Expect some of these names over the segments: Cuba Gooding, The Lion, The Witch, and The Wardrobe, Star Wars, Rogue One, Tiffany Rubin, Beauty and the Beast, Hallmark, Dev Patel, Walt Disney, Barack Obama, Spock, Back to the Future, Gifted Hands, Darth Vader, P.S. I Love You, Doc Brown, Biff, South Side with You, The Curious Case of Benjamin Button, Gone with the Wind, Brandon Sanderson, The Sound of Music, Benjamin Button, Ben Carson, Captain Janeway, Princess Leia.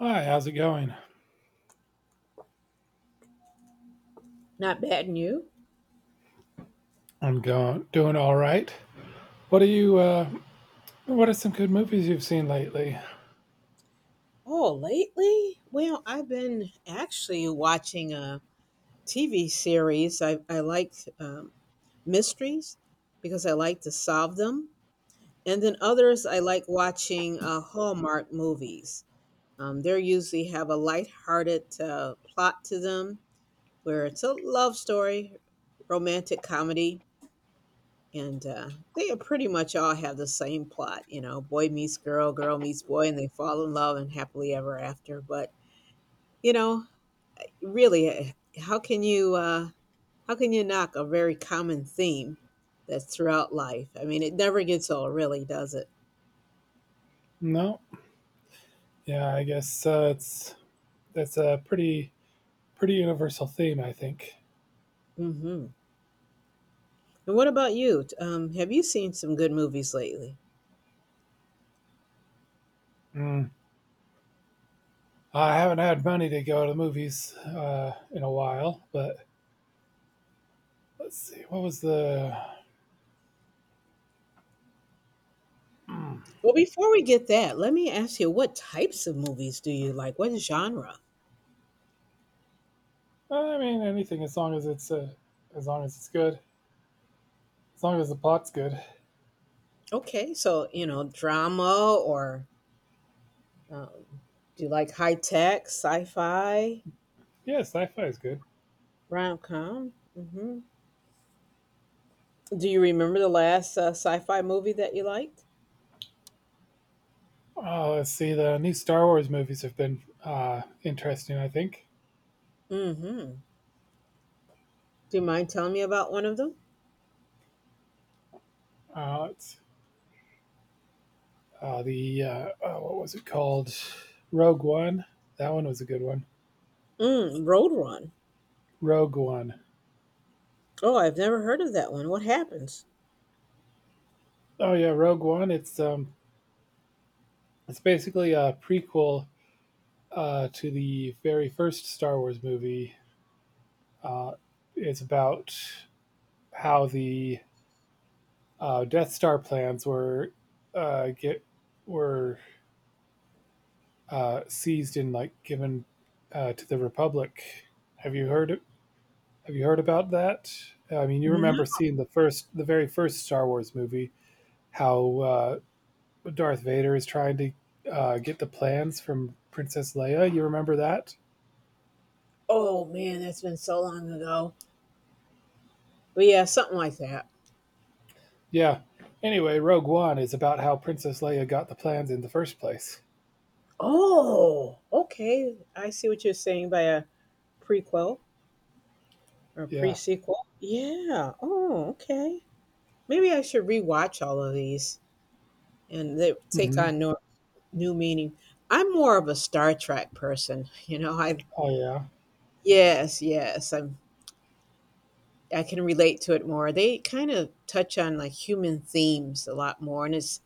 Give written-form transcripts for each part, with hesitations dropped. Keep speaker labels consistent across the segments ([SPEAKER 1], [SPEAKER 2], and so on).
[SPEAKER 1] Hi, how's it going?
[SPEAKER 2] Not bad, and you?
[SPEAKER 1] I'm going doing all right. What are you? What are some good movies you've seen lately?
[SPEAKER 2] Oh, lately? Well, I've been actually watching a TV series. I like mysteries because I like to solve them. And then others, I like watching Hallmark movies. They usually have a lighthearted plot to them where it's a love story, romantic comedy, and they pretty much all have the same plot. You know, boy meets girl, girl meets boy, and they fall in love and happily ever after. But you know, really, how can you how can you knock a very common theme that's throughout life? I mean, it never gets old, really, does it?
[SPEAKER 1] No, yeah, I guess it's that's a pretty universal theme, I think.
[SPEAKER 2] Hmm. And what about you? Have you seen some good movies lately?
[SPEAKER 1] Mm. I haven't had money to go to the movies in a while, but let's see. What was the?
[SPEAKER 2] Well, before we get that, let me ask you, what types of movies do you like? What genre?
[SPEAKER 1] I mean, anything as long as it's as long as it's good, as long as the plot's good.
[SPEAKER 2] Okay, so you know, drama or um, do you like high tech, sci-fi,
[SPEAKER 1] Yeah, sci-fi is good.
[SPEAKER 2] rom com? Hmm. Do you remember the last sci-fi movie that you liked?
[SPEAKER 1] Oh, let's see. The new Star Wars movies have been interesting, I think.
[SPEAKER 2] Mm-hmm. Do you mind telling me about one of them?
[SPEAKER 1] It's, the Oh, what was it called? Rogue One. That one was a good one.
[SPEAKER 2] Mm, Road Run.
[SPEAKER 1] Rogue One.
[SPEAKER 2] Oh, I've never heard of that one. What happens?
[SPEAKER 1] Oh yeah, Rogue One. It's basically a prequel to the very first Star Wars movie. Uh, it's about how the Death Star plans were get were seized and like given to the Republic. Have you heard Have you heard about that? I mean, you
[SPEAKER 2] No.
[SPEAKER 1] remember seeing the very first Star Wars movie, how Darth Vader is trying to get the plans from Princess Leia. You remember that?
[SPEAKER 2] Oh man, that's been so long ago. But yeah, something like that.
[SPEAKER 1] Yeah. Anyway, Rogue One is about how Princess Leia got the plans in the first place.
[SPEAKER 2] Oh, okay. I see what you're saying by a prequel or pre
[SPEAKER 1] Yeah.
[SPEAKER 2] sequel. Yeah. Oh, okay. Maybe I should rewatch all of these and they take
[SPEAKER 1] Hmm.
[SPEAKER 2] on no, new meaning. I'm more of a Star Trek person, you know. I
[SPEAKER 1] Oh
[SPEAKER 2] yes, yes. I'm I can relate to it more. They kind of touch on like human themes a lot more, and it's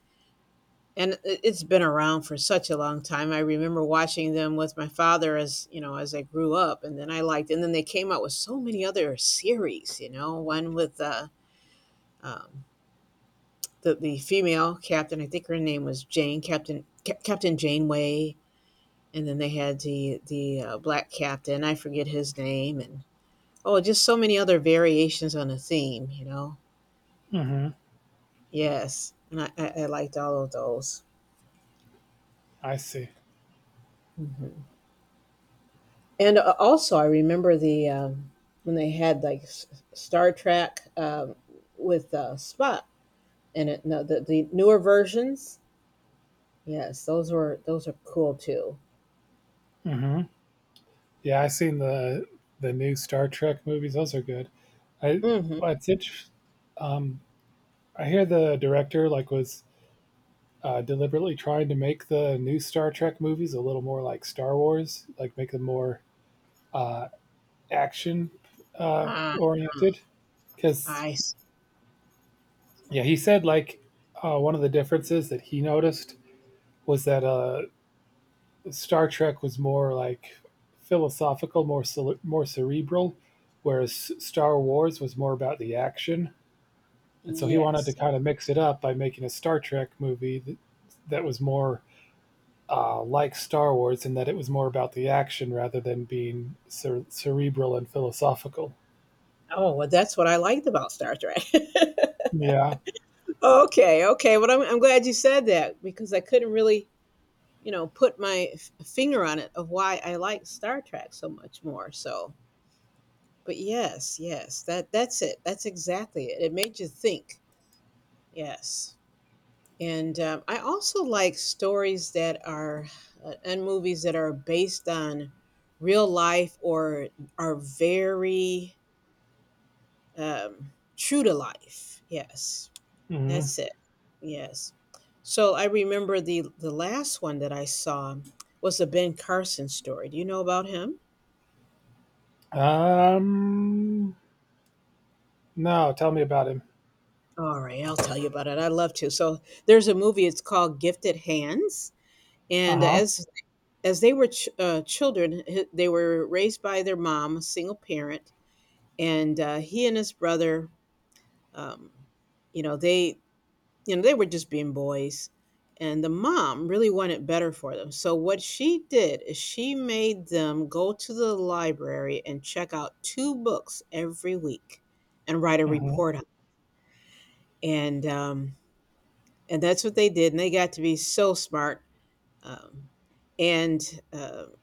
[SPEAKER 2] and it- it's been around for such a long time. I remember watching them with my father as you know as I grew up, and then I liked, and then they came out with so many other series. You know, one with um, the female captain. I think her name was Captain Janeway, and then they had the black captain. I forget his name, and oh, just so many other variations on the theme. You know.
[SPEAKER 1] yeah. Hmm.
[SPEAKER 2] Yes, and I liked all of those.
[SPEAKER 1] I see.
[SPEAKER 2] Hmm. And also, I remember the when they had like Star Trek with Spock in it. No, the newer versions. Yes, those were those are cool too.
[SPEAKER 1] Hmm. Yeah, I've seen the new Star Trek movies. Those are good. I
[SPEAKER 2] Mm-hmm.
[SPEAKER 1] Well, um I hear the director like was deliberately trying to make the new Star Trek movies a little more like Star Wars, like make them more uh, action
[SPEAKER 2] Ah,
[SPEAKER 1] oriented. Because
[SPEAKER 2] I see.
[SPEAKER 1] yeah, he said like one of the differences that he noticed was that Star Trek was more like philosophical, more cerebral, whereas Star Wars was more about the action. And so he wanted to
[SPEAKER 2] Yes.
[SPEAKER 1] kind of mix it up by making a Star Trek movie that was more like Star Wars in that it was more about the action rather than being cerebral and philosophical.
[SPEAKER 2] Oh, well, that's what I liked about Star Trek.
[SPEAKER 1] Yeah.
[SPEAKER 2] Okay, okay. Well, I'm glad you said that because I couldn't really, you know, put my finger on it of why I like Star Trek so much more. So, but yes, yes, that that's it. That's exactly it. It made you think. Yes, and I also like stories that are and movies that are based on real life or are very true to life. Yes,
[SPEAKER 1] Hmm.
[SPEAKER 2] that's it. Yes. So I remember the last one that I saw was a Ben Carson story. Do you know about him?
[SPEAKER 1] Um. No, tell me about him.
[SPEAKER 2] All right, I'll tell you about it. I love to. So there's a movie. It's called Gifted Hands,
[SPEAKER 1] Uh
[SPEAKER 2] and
[SPEAKER 1] huh.
[SPEAKER 2] as they were children, they were raised by their mom, a single parent, and he and his brother, um, you know, they you know they were just being boys, and the mom really wanted better for them. So what she did is she made them go to the library and check out two books every week, and write a
[SPEAKER 1] Mm-hmm.
[SPEAKER 2] report on it. And um, and that's what they did, and they got to be so smart. Um, and um,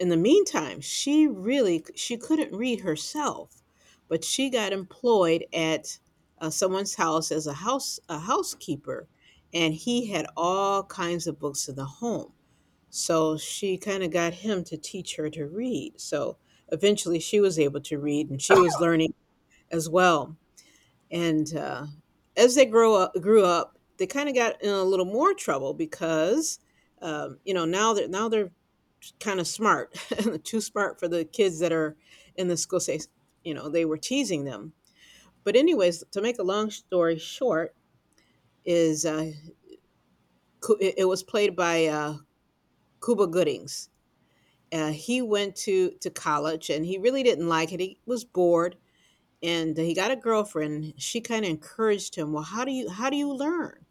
[SPEAKER 2] in the meantime she really she couldn't read herself but she got employed at someone's house as a housekeeper and he had all kinds of books in the home, so she kind of got him to teach her to read, so eventually she was able to read and she was learning as well. And as they grow up grew up they kind of got in a little more trouble because you know now they're kind of smart, too smart for the kids that are in the school. Say, you know, they were teasing them. But anyways, to make a long story short, is it it was played by Cuba Goodings. He went to college and he really didn't like it. He was bored and he got a girlfriend. She kind of encouraged him. Well, how do you learn?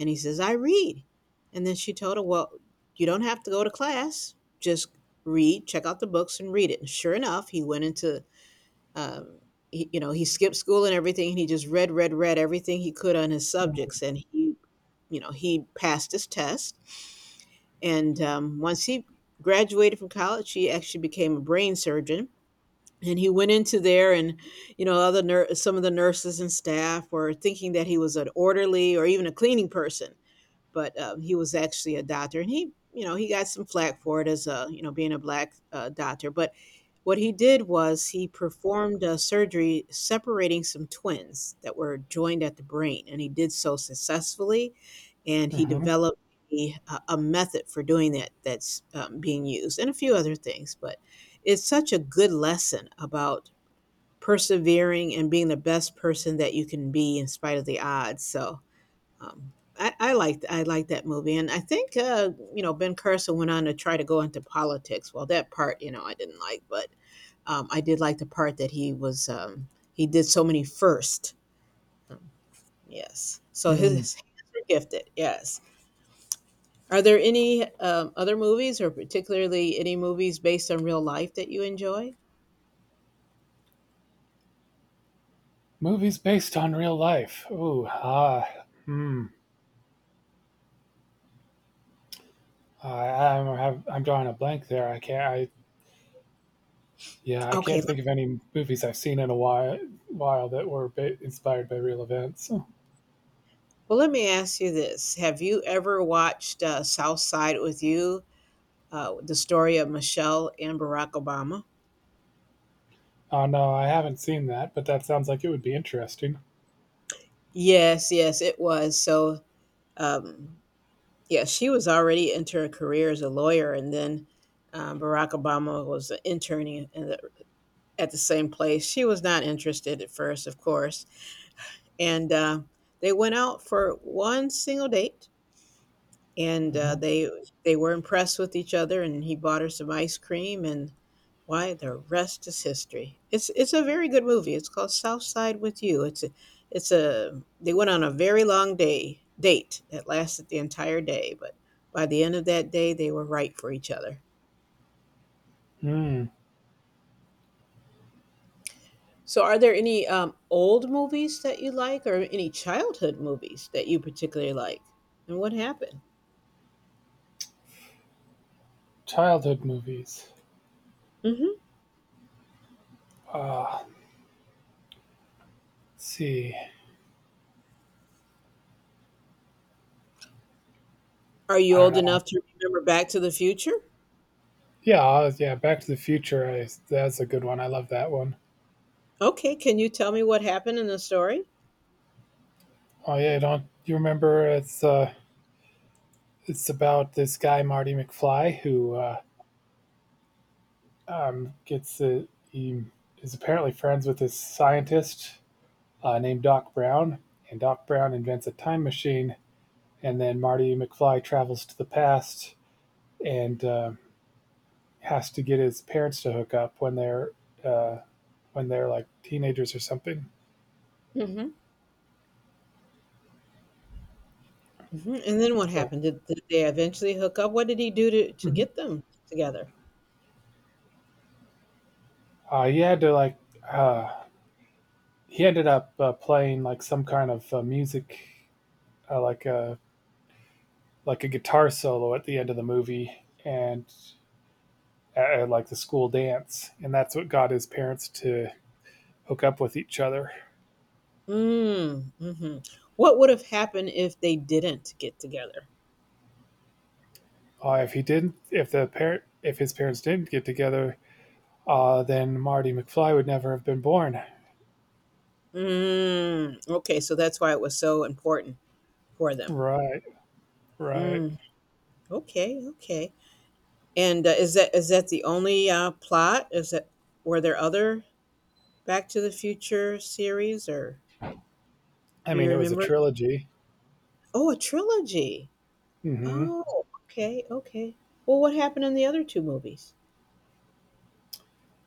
[SPEAKER 2] And he says I read. And then she told him, well, you don't have to go to class, just read, check out the books and read it. And sure enough he went into um, he, you know he skipped school and everything and he just read everything he could on his subjects and he you know he passed his test. And once he graduated from college he actually became a brain surgeon, and he went into there, and you know other some of the nurses and staff were thinking that he was an orderly or even a cleaning person, but he was actually a doctor, and he, you know, he got some flack for it as a, you know, being a black doctor. But what he did was he performed a surgery separating some twins that were joined at the brain, and he did so successfully, and he
[SPEAKER 1] Mm-hmm.
[SPEAKER 2] developed A, a method for doing that that's being used, and a few other things. But it's such a good lesson about persevering and being the best person that you can be in spite of the odds. So I liked I liked that movie, and I think you know Ben Carson went on to try to go into politics. Well, that part you know I didn't like, but I did like the part that he was he did so many first. Um, yes, so
[SPEAKER 1] Mm.
[SPEAKER 2] his hands were gifted. Yes. Are there any other movies, or particularly any movies based on real life that you enjoy?
[SPEAKER 1] Movies based on real life. Ooh. Ah. Hmm. I'm drawing a blank there. I can't. I Yeah. I
[SPEAKER 2] Okay,
[SPEAKER 1] can't think of any movies I've seen in a while that were inspired by real events.
[SPEAKER 2] well, let me ask you this: Have you ever watched South Side with you? The story of Michelle and Barack Obama.
[SPEAKER 1] Oh no, I haven't seen that. But that sounds like it would be interesting.
[SPEAKER 2] Yes, yes, it was. So, um, yeah, she was already into her career as a lawyer, and then Barack Obama was interning in the, at the same place. She was not interested at first, of course, and they went out for one single date, and
[SPEAKER 1] Mhm.
[SPEAKER 2] they were impressed with each other and he bought her some ice cream, and why the rest is history. It's a very good movie. It's called South Side with You. It's a They went on a very long day date that lasted the entire day, but by the end of that day they were right for each other.
[SPEAKER 1] Mm,
[SPEAKER 2] So are there any old movies that you like or any childhood movies that you particularly like, and what happened?
[SPEAKER 1] childhood movies.
[SPEAKER 2] Hmm.
[SPEAKER 1] Uh, let's see.
[SPEAKER 2] Are you
[SPEAKER 1] I don't
[SPEAKER 2] old
[SPEAKER 1] know.
[SPEAKER 2] enough to remember Back to the Future?
[SPEAKER 1] Yeah, yeah. Back to the Future. That's a good one. I love that one.
[SPEAKER 2] Okay, can you tell me what happened in the story?
[SPEAKER 1] Oh yeah, don't you remember? It's about this guy Marty McFly who gets he is apparently friends with this scientist named Doc Brown, and Doc Brown invents a time machine, and then Marty McFly travels to the past and has to get his parents to hook up uh, when they're like teenagers or something.
[SPEAKER 2] Hmm. Hmm. And then what
[SPEAKER 1] So.
[SPEAKER 2] happened? Did they eventually hook up? What did he do to
[SPEAKER 1] Mhm.
[SPEAKER 2] get them together?
[SPEAKER 1] uh, he had to like uh, he ended up playing like some kind of music like a guitar solo at the end of the movie and like the school dance, and that's what got his parents to hook up with each other.
[SPEAKER 2] Mm, hmm. What would have happened if they didn't get together?
[SPEAKER 1] If he didn't, if the parent, if his parents didn't get together, then Marty McFly would never have been born.
[SPEAKER 2] Mm, okay, so that's why it was so important for them.
[SPEAKER 1] Right, right.
[SPEAKER 2] Mm, okay, okay. And is that the only plot? Is that were there other Back to the Future series, or
[SPEAKER 1] I
[SPEAKER 2] do you
[SPEAKER 1] mean, it was a
[SPEAKER 2] remember?
[SPEAKER 1] trilogy.
[SPEAKER 2] Oh, a trilogy.
[SPEAKER 1] Hmm.
[SPEAKER 2] Oh, okay, okay. Well, what happened in the other 2 movies?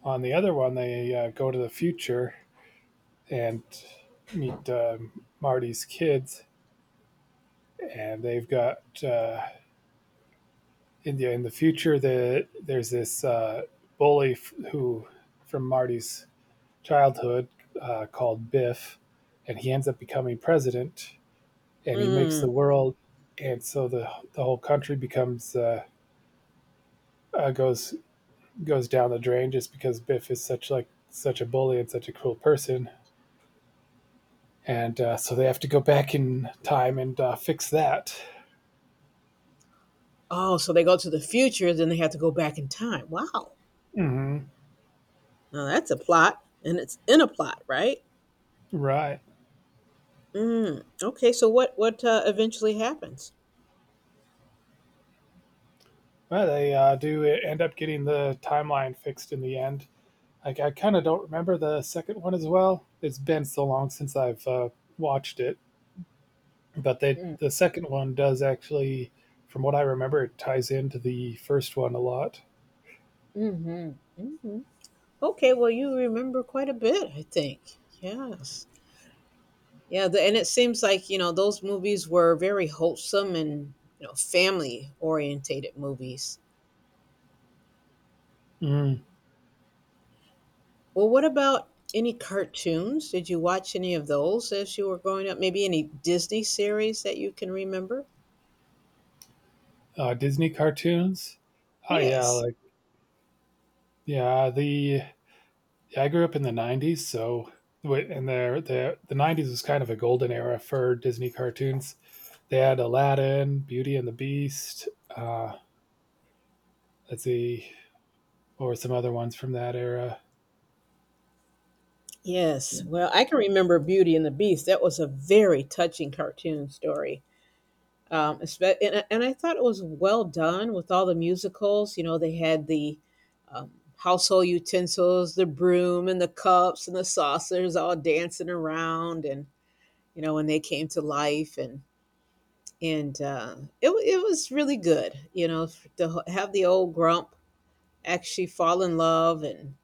[SPEAKER 1] On the other one, they go to the future and meet Marty's kids, and they've got in the future. There's this bully who from Marty's childhood called Biff, and he ends up becoming president, and he makes
[SPEAKER 2] Mm.
[SPEAKER 1] the world, and so the whole country becomes goes down the drain just because Biff is such like such a bully and such a cruel person and so they have to go back in time and fix that.
[SPEAKER 2] Oh, so they go to the future, then they have to go back in time. Wow.
[SPEAKER 1] Hmm.
[SPEAKER 2] Now that's a plot, and it's in a plot, right?
[SPEAKER 1] Right.
[SPEAKER 2] Mm. Okay, so what eventually happens?
[SPEAKER 1] Well, they do end up getting the timeline fixed in the end. Like I kind of don't remember the second one as well. It's been so long since I've watched it, but
[SPEAKER 2] Mm.
[SPEAKER 1] the second one does actually, from what I remember, it ties into the first one a lot.
[SPEAKER 2] Mhm, mhm. Okay, well, you remember quite a bit, I think. Yes. Yeah, the and it seems like, you know, those movies were very wholesome and, you know, family-orientated movies.
[SPEAKER 1] Mm.
[SPEAKER 2] Well, what about any cartoons? Did you watch any of those as you were growing up? Maybe any Disney series that you can remember?
[SPEAKER 1] Disney cartoons. Oh yeah,
[SPEAKER 2] Yes.
[SPEAKER 1] like yeah, the I grew up in the '90s, so and the '90s was kind of a golden era for Disney cartoons. They had Aladdin, Beauty and the Beast. Uh, let's see, what were some other ones from that era?
[SPEAKER 2] Yes. Well, I can remember Beauty and the Beast. That was a very touching cartoon story. And I thought it was well done with all the musicals. You know, they had the um, household utensils, the broom and the cups and the saucers all dancing around and, you know, when they came to life. And, it wa it was really good, you know, f to h have the old grump actually fall in love and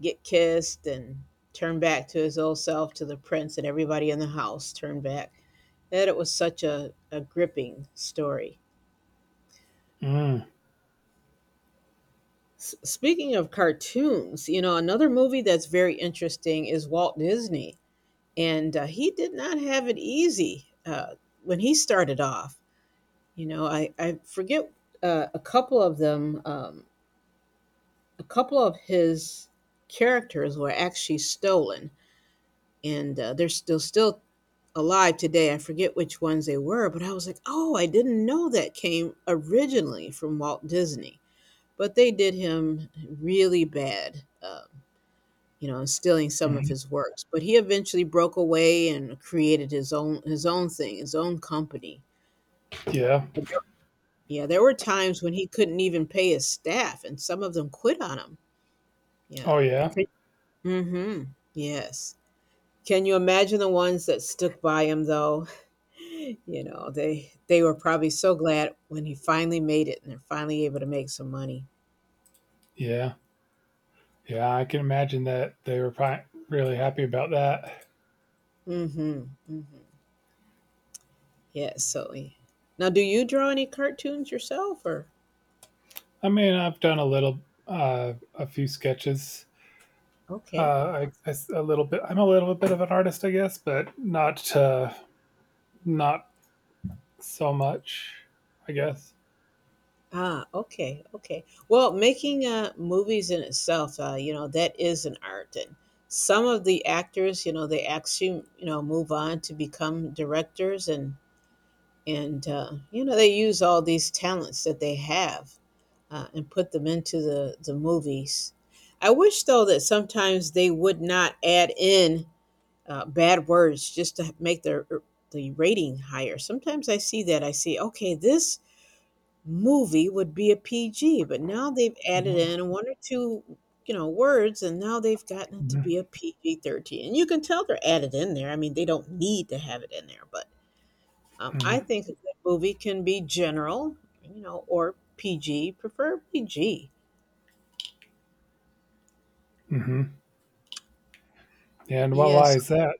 [SPEAKER 2] get kissed and turn back to his old self, to the prince, and everybody in the house turned back. That it was such a gripping story.
[SPEAKER 1] Mm.
[SPEAKER 2] S speaking of cartoons, you know, another movie that's very interesting is Walt Disney, and, he did not have it easy, when he started off. You know, I forget, a couple of them, a couple of his characters were actually stolen, and they're still alive today. I forget which ones they were, but I was like, oh, I didn't know that came originally from Walt Disney. But they did him really bad, you know, in stealing some of
[SPEAKER 1] Mhm.
[SPEAKER 2] his works. But he eventually broke away and created his own thing, his own company.
[SPEAKER 1] Yeah.
[SPEAKER 2] But there- yeah, there were times when he couldn't even pay his staff, and some of them quit on him. Yeah.
[SPEAKER 1] Oh yeah.
[SPEAKER 2] Mhm. Yes. Can you imagine the ones that stuck by him though? You know, they were probably so glad when he finally made it and they're finally able to make some money.
[SPEAKER 1] Yeah. Yeah. I can imagine that they were probably really happy about that.
[SPEAKER 2] Mhm. Mhm. Yes, so yeah. Now do you draw any cartoons yourself, or
[SPEAKER 1] I mean, I've done a little, a few sketches.
[SPEAKER 2] okay.
[SPEAKER 1] A little bit. I'm a little bit of an artist, I guess, but not not so much, I guess.
[SPEAKER 2] Ah, okay, okay. Well, making movies in itself, you know, that is an art. And some of the actors, you know, they actually, you know, move on to become directors. And you know, they use all these talents that they have, and put them into the movies. I wish though that sometimes they would not add in bad words just to make their the rating higher. Sometimes I see that, I see okay, this movie would be a PG, but now they've added
[SPEAKER 1] Mhm,
[SPEAKER 2] in one or two, you know, words, and now they've gotten it to be a
[SPEAKER 1] mhm,
[SPEAKER 2] PG-13, and you can tell they're added in there. I mean, they don't need to have it in there, but I
[SPEAKER 1] mhm,
[SPEAKER 2] think a good movie can be general, you know, or PG, preferably G.
[SPEAKER 1] mhm. And why
[SPEAKER 2] Yes.
[SPEAKER 1] is that?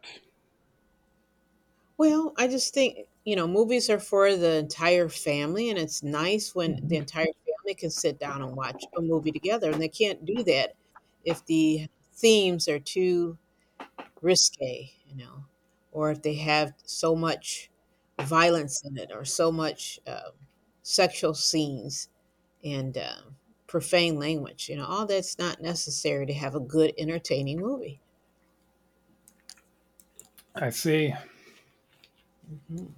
[SPEAKER 2] Well, I just think, you know, movies are for the entire family, and it's nice when the
[SPEAKER 1] Mhm.
[SPEAKER 2] entire family can sit down and watch a movie together. And they can't do that if the themes are too risque, you know, or if they have so much violence in it, or so much sexual scenes. And profane language. You know, all that's not necessary to have a good, entertaining movie.
[SPEAKER 1] I see.
[SPEAKER 2] Mhm.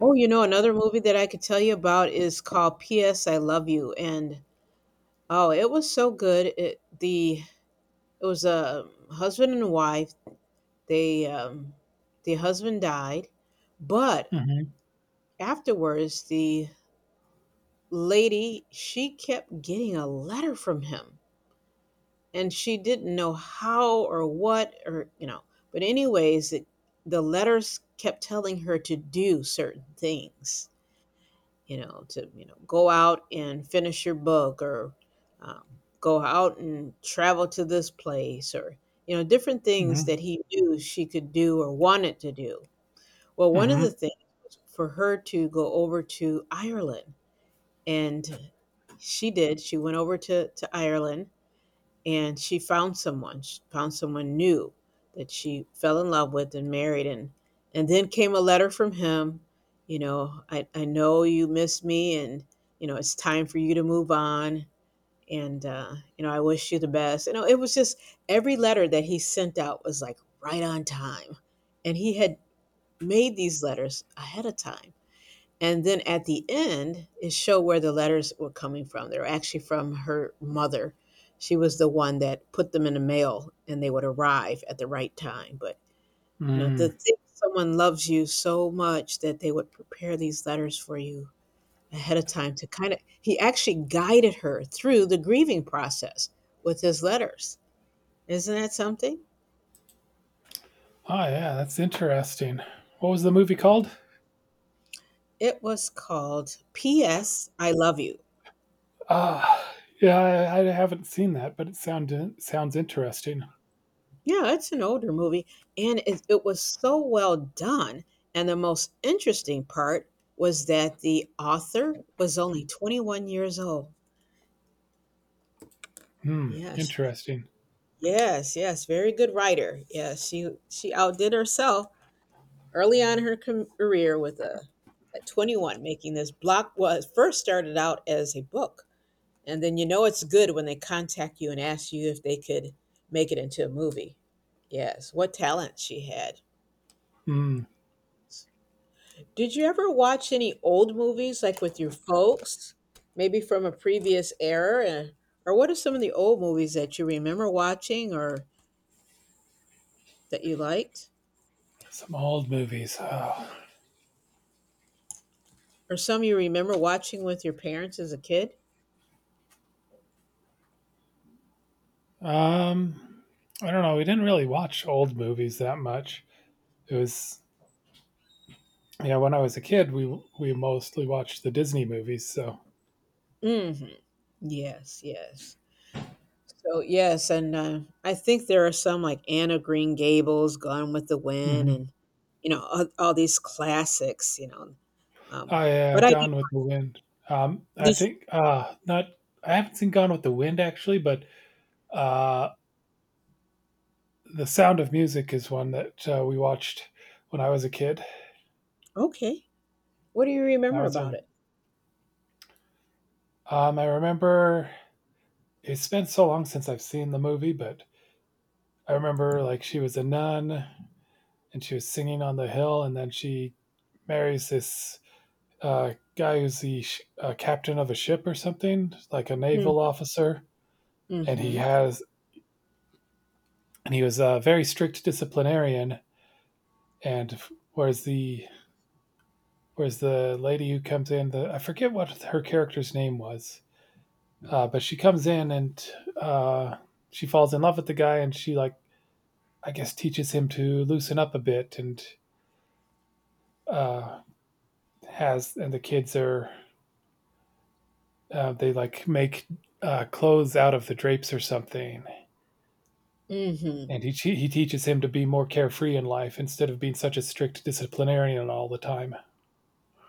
[SPEAKER 2] Oh, you know, another movie that I could tell you about is called P.S. I Love You, and oh, it was so good. It the it was a husband and wife. They, the husband died, but
[SPEAKER 1] Mhm,
[SPEAKER 2] afterwards the lady, she kept getting a letter from him, and she didn't know how or what, or you know, but anyways, it, the letters kept telling her to do certain things, you know, to, you know, go out and finish your book, or um, go out and travel to this place, or you know, different things
[SPEAKER 1] mhm,
[SPEAKER 2] that he knew she could do or wanted to do. Well, one of the
[SPEAKER 1] mhm,
[SPEAKER 2] things for her to go over to Ireland. And she did, she went over to Ireland, and she found someone, she found someone new, that she fell in love with and married. And then came a letter from him, you know, I know you miss me and you know it's time for you to move on, and you know, I wish you the best. You know, it was just every letter that he sent out was like right on time. And he had made these letters ahead of time. And then at the end, it showed where the letters were coming from. They were actually from her mother. She was the one that put them in the mail and they would arrive at the right time. But, you know, to
[SPEAKER 1] mm.
[SPEAKER 2] think someone loves you so much that they would prepare these letters for you ahead of time to kind of, he actually guided her through the grieving process with his letters. Isn't that something?
[SPEAKER 1] Oh, yeah, that's interesting. What was the movie called?
[SPEAKER 2] It was called P.S. I Love You.
[SPEAKER 1] Ah, yeah, I haven't seen that, but it sounded sounds interesting.
[SPEAKER 2] Yeah, it's an older movie, and it was so well done. And the most interesting part was that the author was only 21 years old.
[SPEAKER 1] Hmm,
[SPEAKER 2] Yes,
[SPEAKER 1] interesting.
[SPEAKER 2] yes, yes. Very good writer. Yes, she outdid herself early on in her career with a at 21 making this block. Was first started out as a book, and then you know it's good when they contact you and ask you if they could make it into a movie. Yes, what talent she had.
[SPEAKER 1] Hmm,
[SPEAKER 2] Did you ever watch any old movies like with your folks, maybe from a previous era? And, or what are some of the old movies that you remember watching or that you liked?
[SPEAKER 1] some old movies. Oh.
[SPEAKER 2] Or some you remember watching with your parents as a kid?
[SPEAKER 1] Um, I don't know. We didn't really watch old movies that much. It was Yeah, when I was a kid, we mostly watched the Disney movies. So.
[SPEAKER 2] Hmm. Yes, yes. So, yes, and I think there are some like Anna Green Gables, Gone with the Wind,
[SPEAKER 1] Mhm.
[SPEAKER 2] and, you know, all these classics, you know. Um,
[SPEAKER 1] I Uh,
[SPEAKER 2] but I,
[SPEAKER 1] Gone with the Wind. I
[SPEAKER 2] this,
[SPEAKER 1] think not. I haven't seen Gone with the Wind actually, but uh, The Sound of Music is one that we watched when I was a kid.
[SPEAKER 2] okay. What do you
[SPEAKER 1] That
[SPEAKER 2] remember
[SPEAKER 1] was
[SPEAKER 2] about
[SPEAKER 1] a.
[SPEAKER 2] it?
[SPEAKER 1] I remember it's been so long since I've seen the movie, but I remember like she was a nun and she was singing on the hill, and then she marries this guy who's the captain of a ship or something, like a naval officer, and he
[SPEAKER 2] Mm-hmm.
[SPEAKER 1] has and he was a very strict disciplinarian. And whereas the whereas the lady who comes in, the I forget what her character's name was, but she comes in and uh, she falls in love with the guy, and she like I guess teaches him to loosen up a bit, and uh, has and the kids are they like make clothes out of the drapes or something
[SPEAKER 2] Hmm.
[SPEAKER 1] and he teaches him to be more carefree in life instead of being such a strict disciplinarian all the time.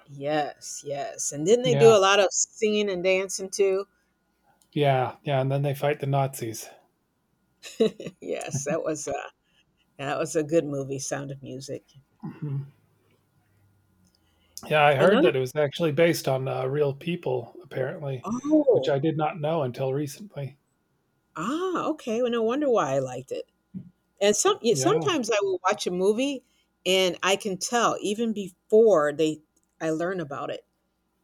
[SPEAKER 2] Yes, yes. And didn't they do
[SPEAKER 1] Yeah,
[SPEAKER 2] a lot of singing and dancing too?
[SPEAKER 1] yeah, yeah. And then they fight the Nazis.
[SPEAKER 2] Yes, that was a good movie, Sound of Music.
[SPEAKER 1] Mhm. Yeah, I heard
[SPEAKER 2] Another,
[SPEAKER 1] that it was actually based on real people, apparently, which
[SPEAKER 2] oh,
[SPEAKER 1] I did not know until recently.
[SPEAKER 2] ah, okay. Well, no wonder why I liked it. And some, yeah,
[SPEAKER 1] Yeah.
[SPEAKER 2] sometimes I will watch a movie and I can tell even before they I learn about it.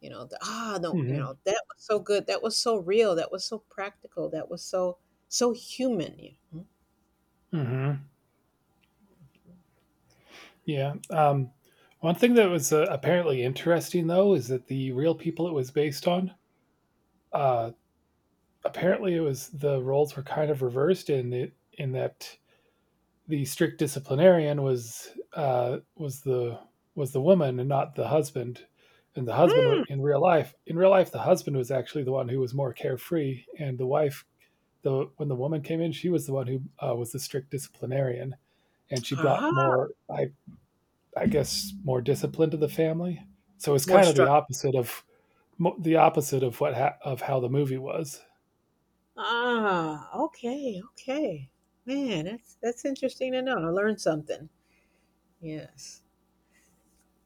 [SPEAKER 2] You know, the, ah, no, you
[SPEAKER 1] Hmm.
[SPEAKER 2] know that was so good. That was so real. That was so practical. That was so so human. You know?
[SPEAKER 1] Hmm. Yeah. One thing that was apparently interesting, though, is that the real people it was based on, uh, apparently, it was the roles were kind of reversed in it, in that the strict disciplinarian was was the woman and not the husband. And the husband
[SPEAKER 2] Hmm.
[SPEAKER 1] in real life, the husband was actually the one who was more carefree, and the wife, the when the woman came in, she was the one who was the strict disciplinarian, and she brought
[SPEAKER 2] Ah,
[SPEAKER 1] more, I guess, more discipline to the family. So it's
[SPEAKER 2] more.
[SPEAKER 1] kind of the opposite of how the movie was.
[SPEAKER 2] Ah, okay, okay. Man, that's interesting to know. I learned something. Yes.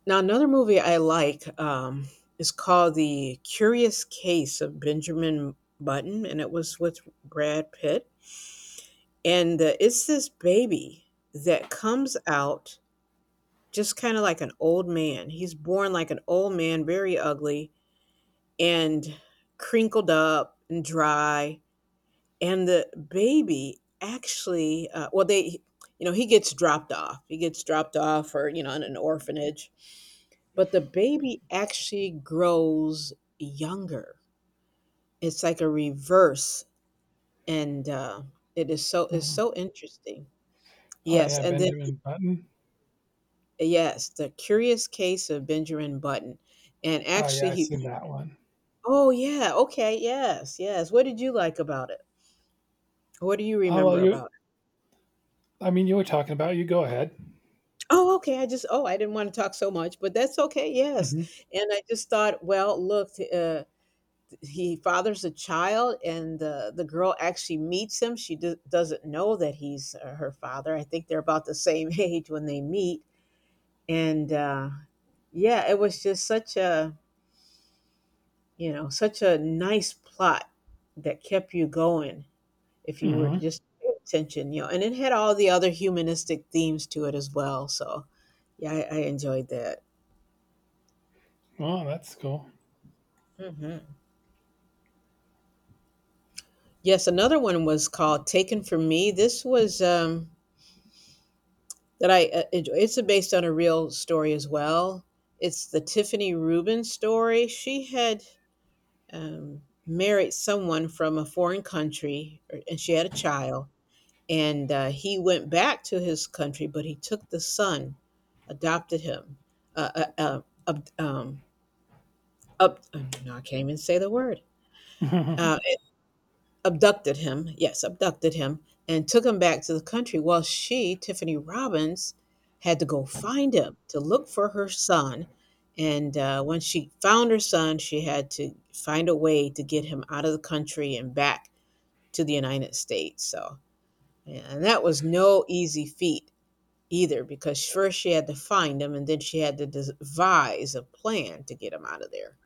[SPEAKER 2] Now another movie I like, is called The Curious Case of Benjamin Button, and it was with Brad Pitt. And it's this baby that comes out just kind of like an old man. He's born like an old man, very ugly and crinkled up and dry. And the baby actually well they, you know, he gets dropped off, he gets dropped off or you know, in an orphanage. But the baby actually grows younger. It's like a reverse. And it is
[SPEAKER 1] Mhm.
[SPEAKER 2] so interesting.
[SPEAKER 1] Oh
[SPEAKER 2] Yes,
[SPEAKER 1] yeah,
[SPEAKER 2] and then
[SPEAKER 1] Benjamin Button.
[SPEAKER 2] yes, the curious case of Benjamin Button. And
[SPEAKER 1] Oh
[SPEAKER 2] actually
[SPEAKER 1] yeah, I've seen
[SPEAKER 2] he,
[SPEAKER 1] that one.
[SPEAKER 2] oh yeah, okay, yes yes, what did you like about it, what do you
[SPEAKER 1] Oh well,
[SPEAKER 2] remember
[SPEAKER 1] you.
[SPEAKER 2] about it?
[SPEAKER 1] I mean, you were talking about it. You go ahead.
[SPEAKER 2] Oh, okay. I just, oh, I didn't want to talk so much, but that's okay. Yes.
[SPEAKER 1] Mhm,
[SPEAKER 2] And I just thought, well, look, he fathers a child, and the girl actually meets him. She doesn't know that he's her father. I think they're about the same age when they meet. And yeah, it was just such a, you know, such a nice plot that kept you going, if you were to
[SPEAKER 1] mhm.
[SPEAKER 2] just pay attention, you know, and it had all the other humanistic themes to it as well. So yeah, I enjoyed that.
[SPEAKER 1] Well, that's cool.
[SPEAKER 2] Hmm. Yes, another one was called Taken From Me. This was that I enjoy. It's based on a real story as well. It's the Tiffany Rubin story. She had, married someone from a foreign country, and she had a child. And he went back to his country, but he took the son, adopted him. Uh, uh, uh, ab- um, oh, no, I can't even say the word. Uh, abducted him, yes, abducted him, and took him back to the country while she, Tiffany Robbins, had to go find him, to look for her son. And when she found her son, she had to find a way to get him out of the country and back to the United States. So, and that was no easy feat either, because first she had to find him and then she had to devise a plan to get him out of there.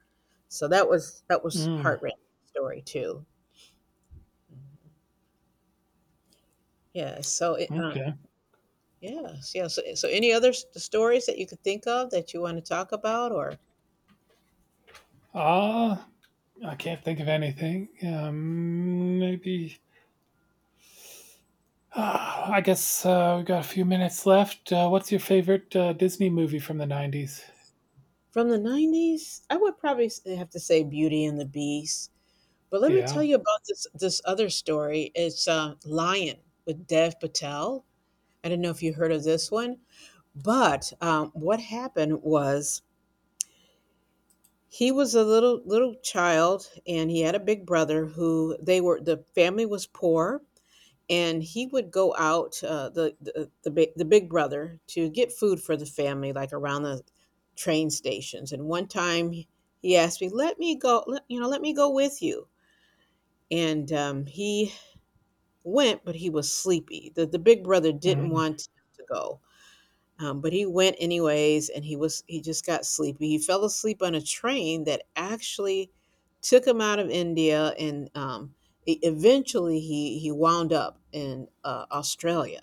[SPEAKER 2] So that was
[SPEAKER 1] Mm,
[SPEAKER 2] heart wrenching story too. Yeah, so it,
[SPEAKER 1] okay.
[SPEAKER 2] yes, yeah. So, so any other stories that you could think of that you want to talk about, or
[SPEAKER 1] Uh, I can't think of anything. Maybe. I guess, we got a few minutes left. What's your favorite, Disney movie from the '90s?
[SPEAKER 2] from the '90s? I would probably have to say Beauty and the Beast. But let me tell
[SPEAKER 1] Yeah.
[SPEAKER 2] you about this other story. It's Lion with Dev Patel. I don't know if you heard of this one, but what happened was he was a little child, and he had a big brother. Who they were, the family was poor, and he would go out, the big brother, to get food for the family like around the train stations. And one time he asked me, let me go, you know, let me go with you. And he went, but he was sleepy. The big brother didn't
[SPEAKER 1] Mm,
[SPEAKER 2] want to go, but he went anyways, and he was, he just got sleepy, he fell asleep on a train that actually took him out of India. And eventually he wound up in Australia.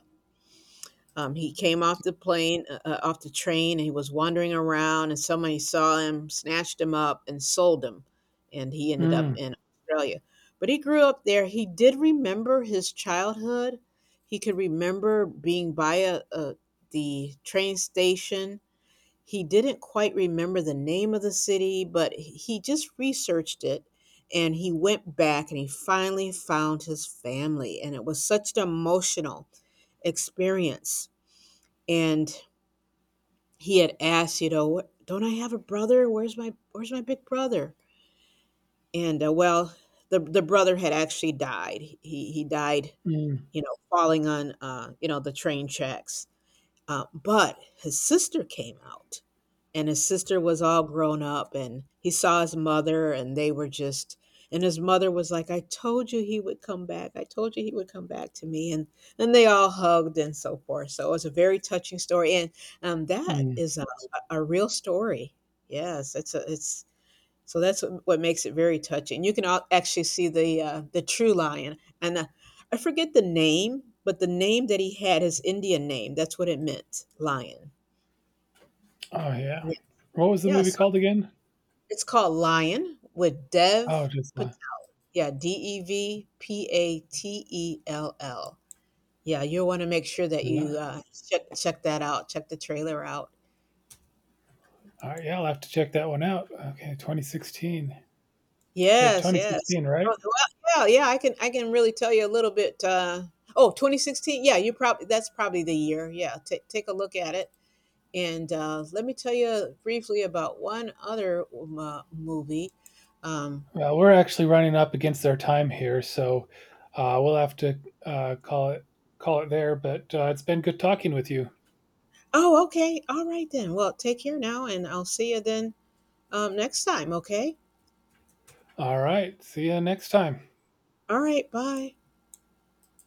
[SPEAKER 2] He came off the plane, off the train, and he was wandering around, and somebody saw him, snatched him up, and sold him, and he ended up
[SPEAKER 1] mm,
[SPEAKER 2] in Australia. But he grew up there. He did remember his childhood. He could remember being by a the train station. He didn't quite remember the name of the city, but he just researched it, and he went back and he finally found his family. And it was such an emotional experience. And he had asked, you know, what, don't I have a brother? Where's my, big brother? And well, the brother had actually died. He died,
[SPEAKER 1] mm,
[SPEAKER 2] you know, falling on, you know, the train tracks. But his sister came out, and his sister was all grown up, and he saw his mother, and they were just, and his mother was like, I told you he would come back, I told you he would come back to me. And they all hugged and so forth, so it was a very touching story. And that
[SPEAKER 1] mm.
[SPEAKER 2] is a real story. Yes, it's a, it's so that's what makes it very touching. You can all actually see the true lion. And I forget the name, but the name that he had, his Indian name, that's what it meant, lion.
[SPEAKER 1] Oh, yeah.
[SPEAKER 2] Yeah.
[SPEAKER 1] What was the
[SPEAKER 2] Yeah,
[SPEAKER 1] movie called again?
[SPEAKER 2] it's called Lion with
[SPEAKER 1] Oh,
[SPEAKER 2] Dev
[SPEAKER 1] just
[SPEAKER 2] Pat,
[SPEAKER 1] li
[SPEAKER 2] yeah, Devpatell. Yeah, you'll wanna make sure that you, check that out, check the trailer out.
[SPEAKER 1] alright, yeah, I'll have to check that one out. Okay, 2016. So
[SPEAKER 2] Yes, yes.
[SPEAKER 1] 2016, right?
[SPEAKER 2] Oh, well, yeah, yeah, I can really tell you a little bit, oh, 2016. Yeah, you probably, that's probably the year, yeah, take a look at it, and, let me tell you briefly about one other mo movie, um
[SPEAKER 1] Well, we're actually running up against our time here, so we'll have to call it there. But it's been good talking with you.
[SPEAKER 2] oh, okay, alright then, well, take care now, and I'll see you then next time, okay?
[SPEAKER 1] All right, see you next time.
[SPEAKER 2] All right, bye.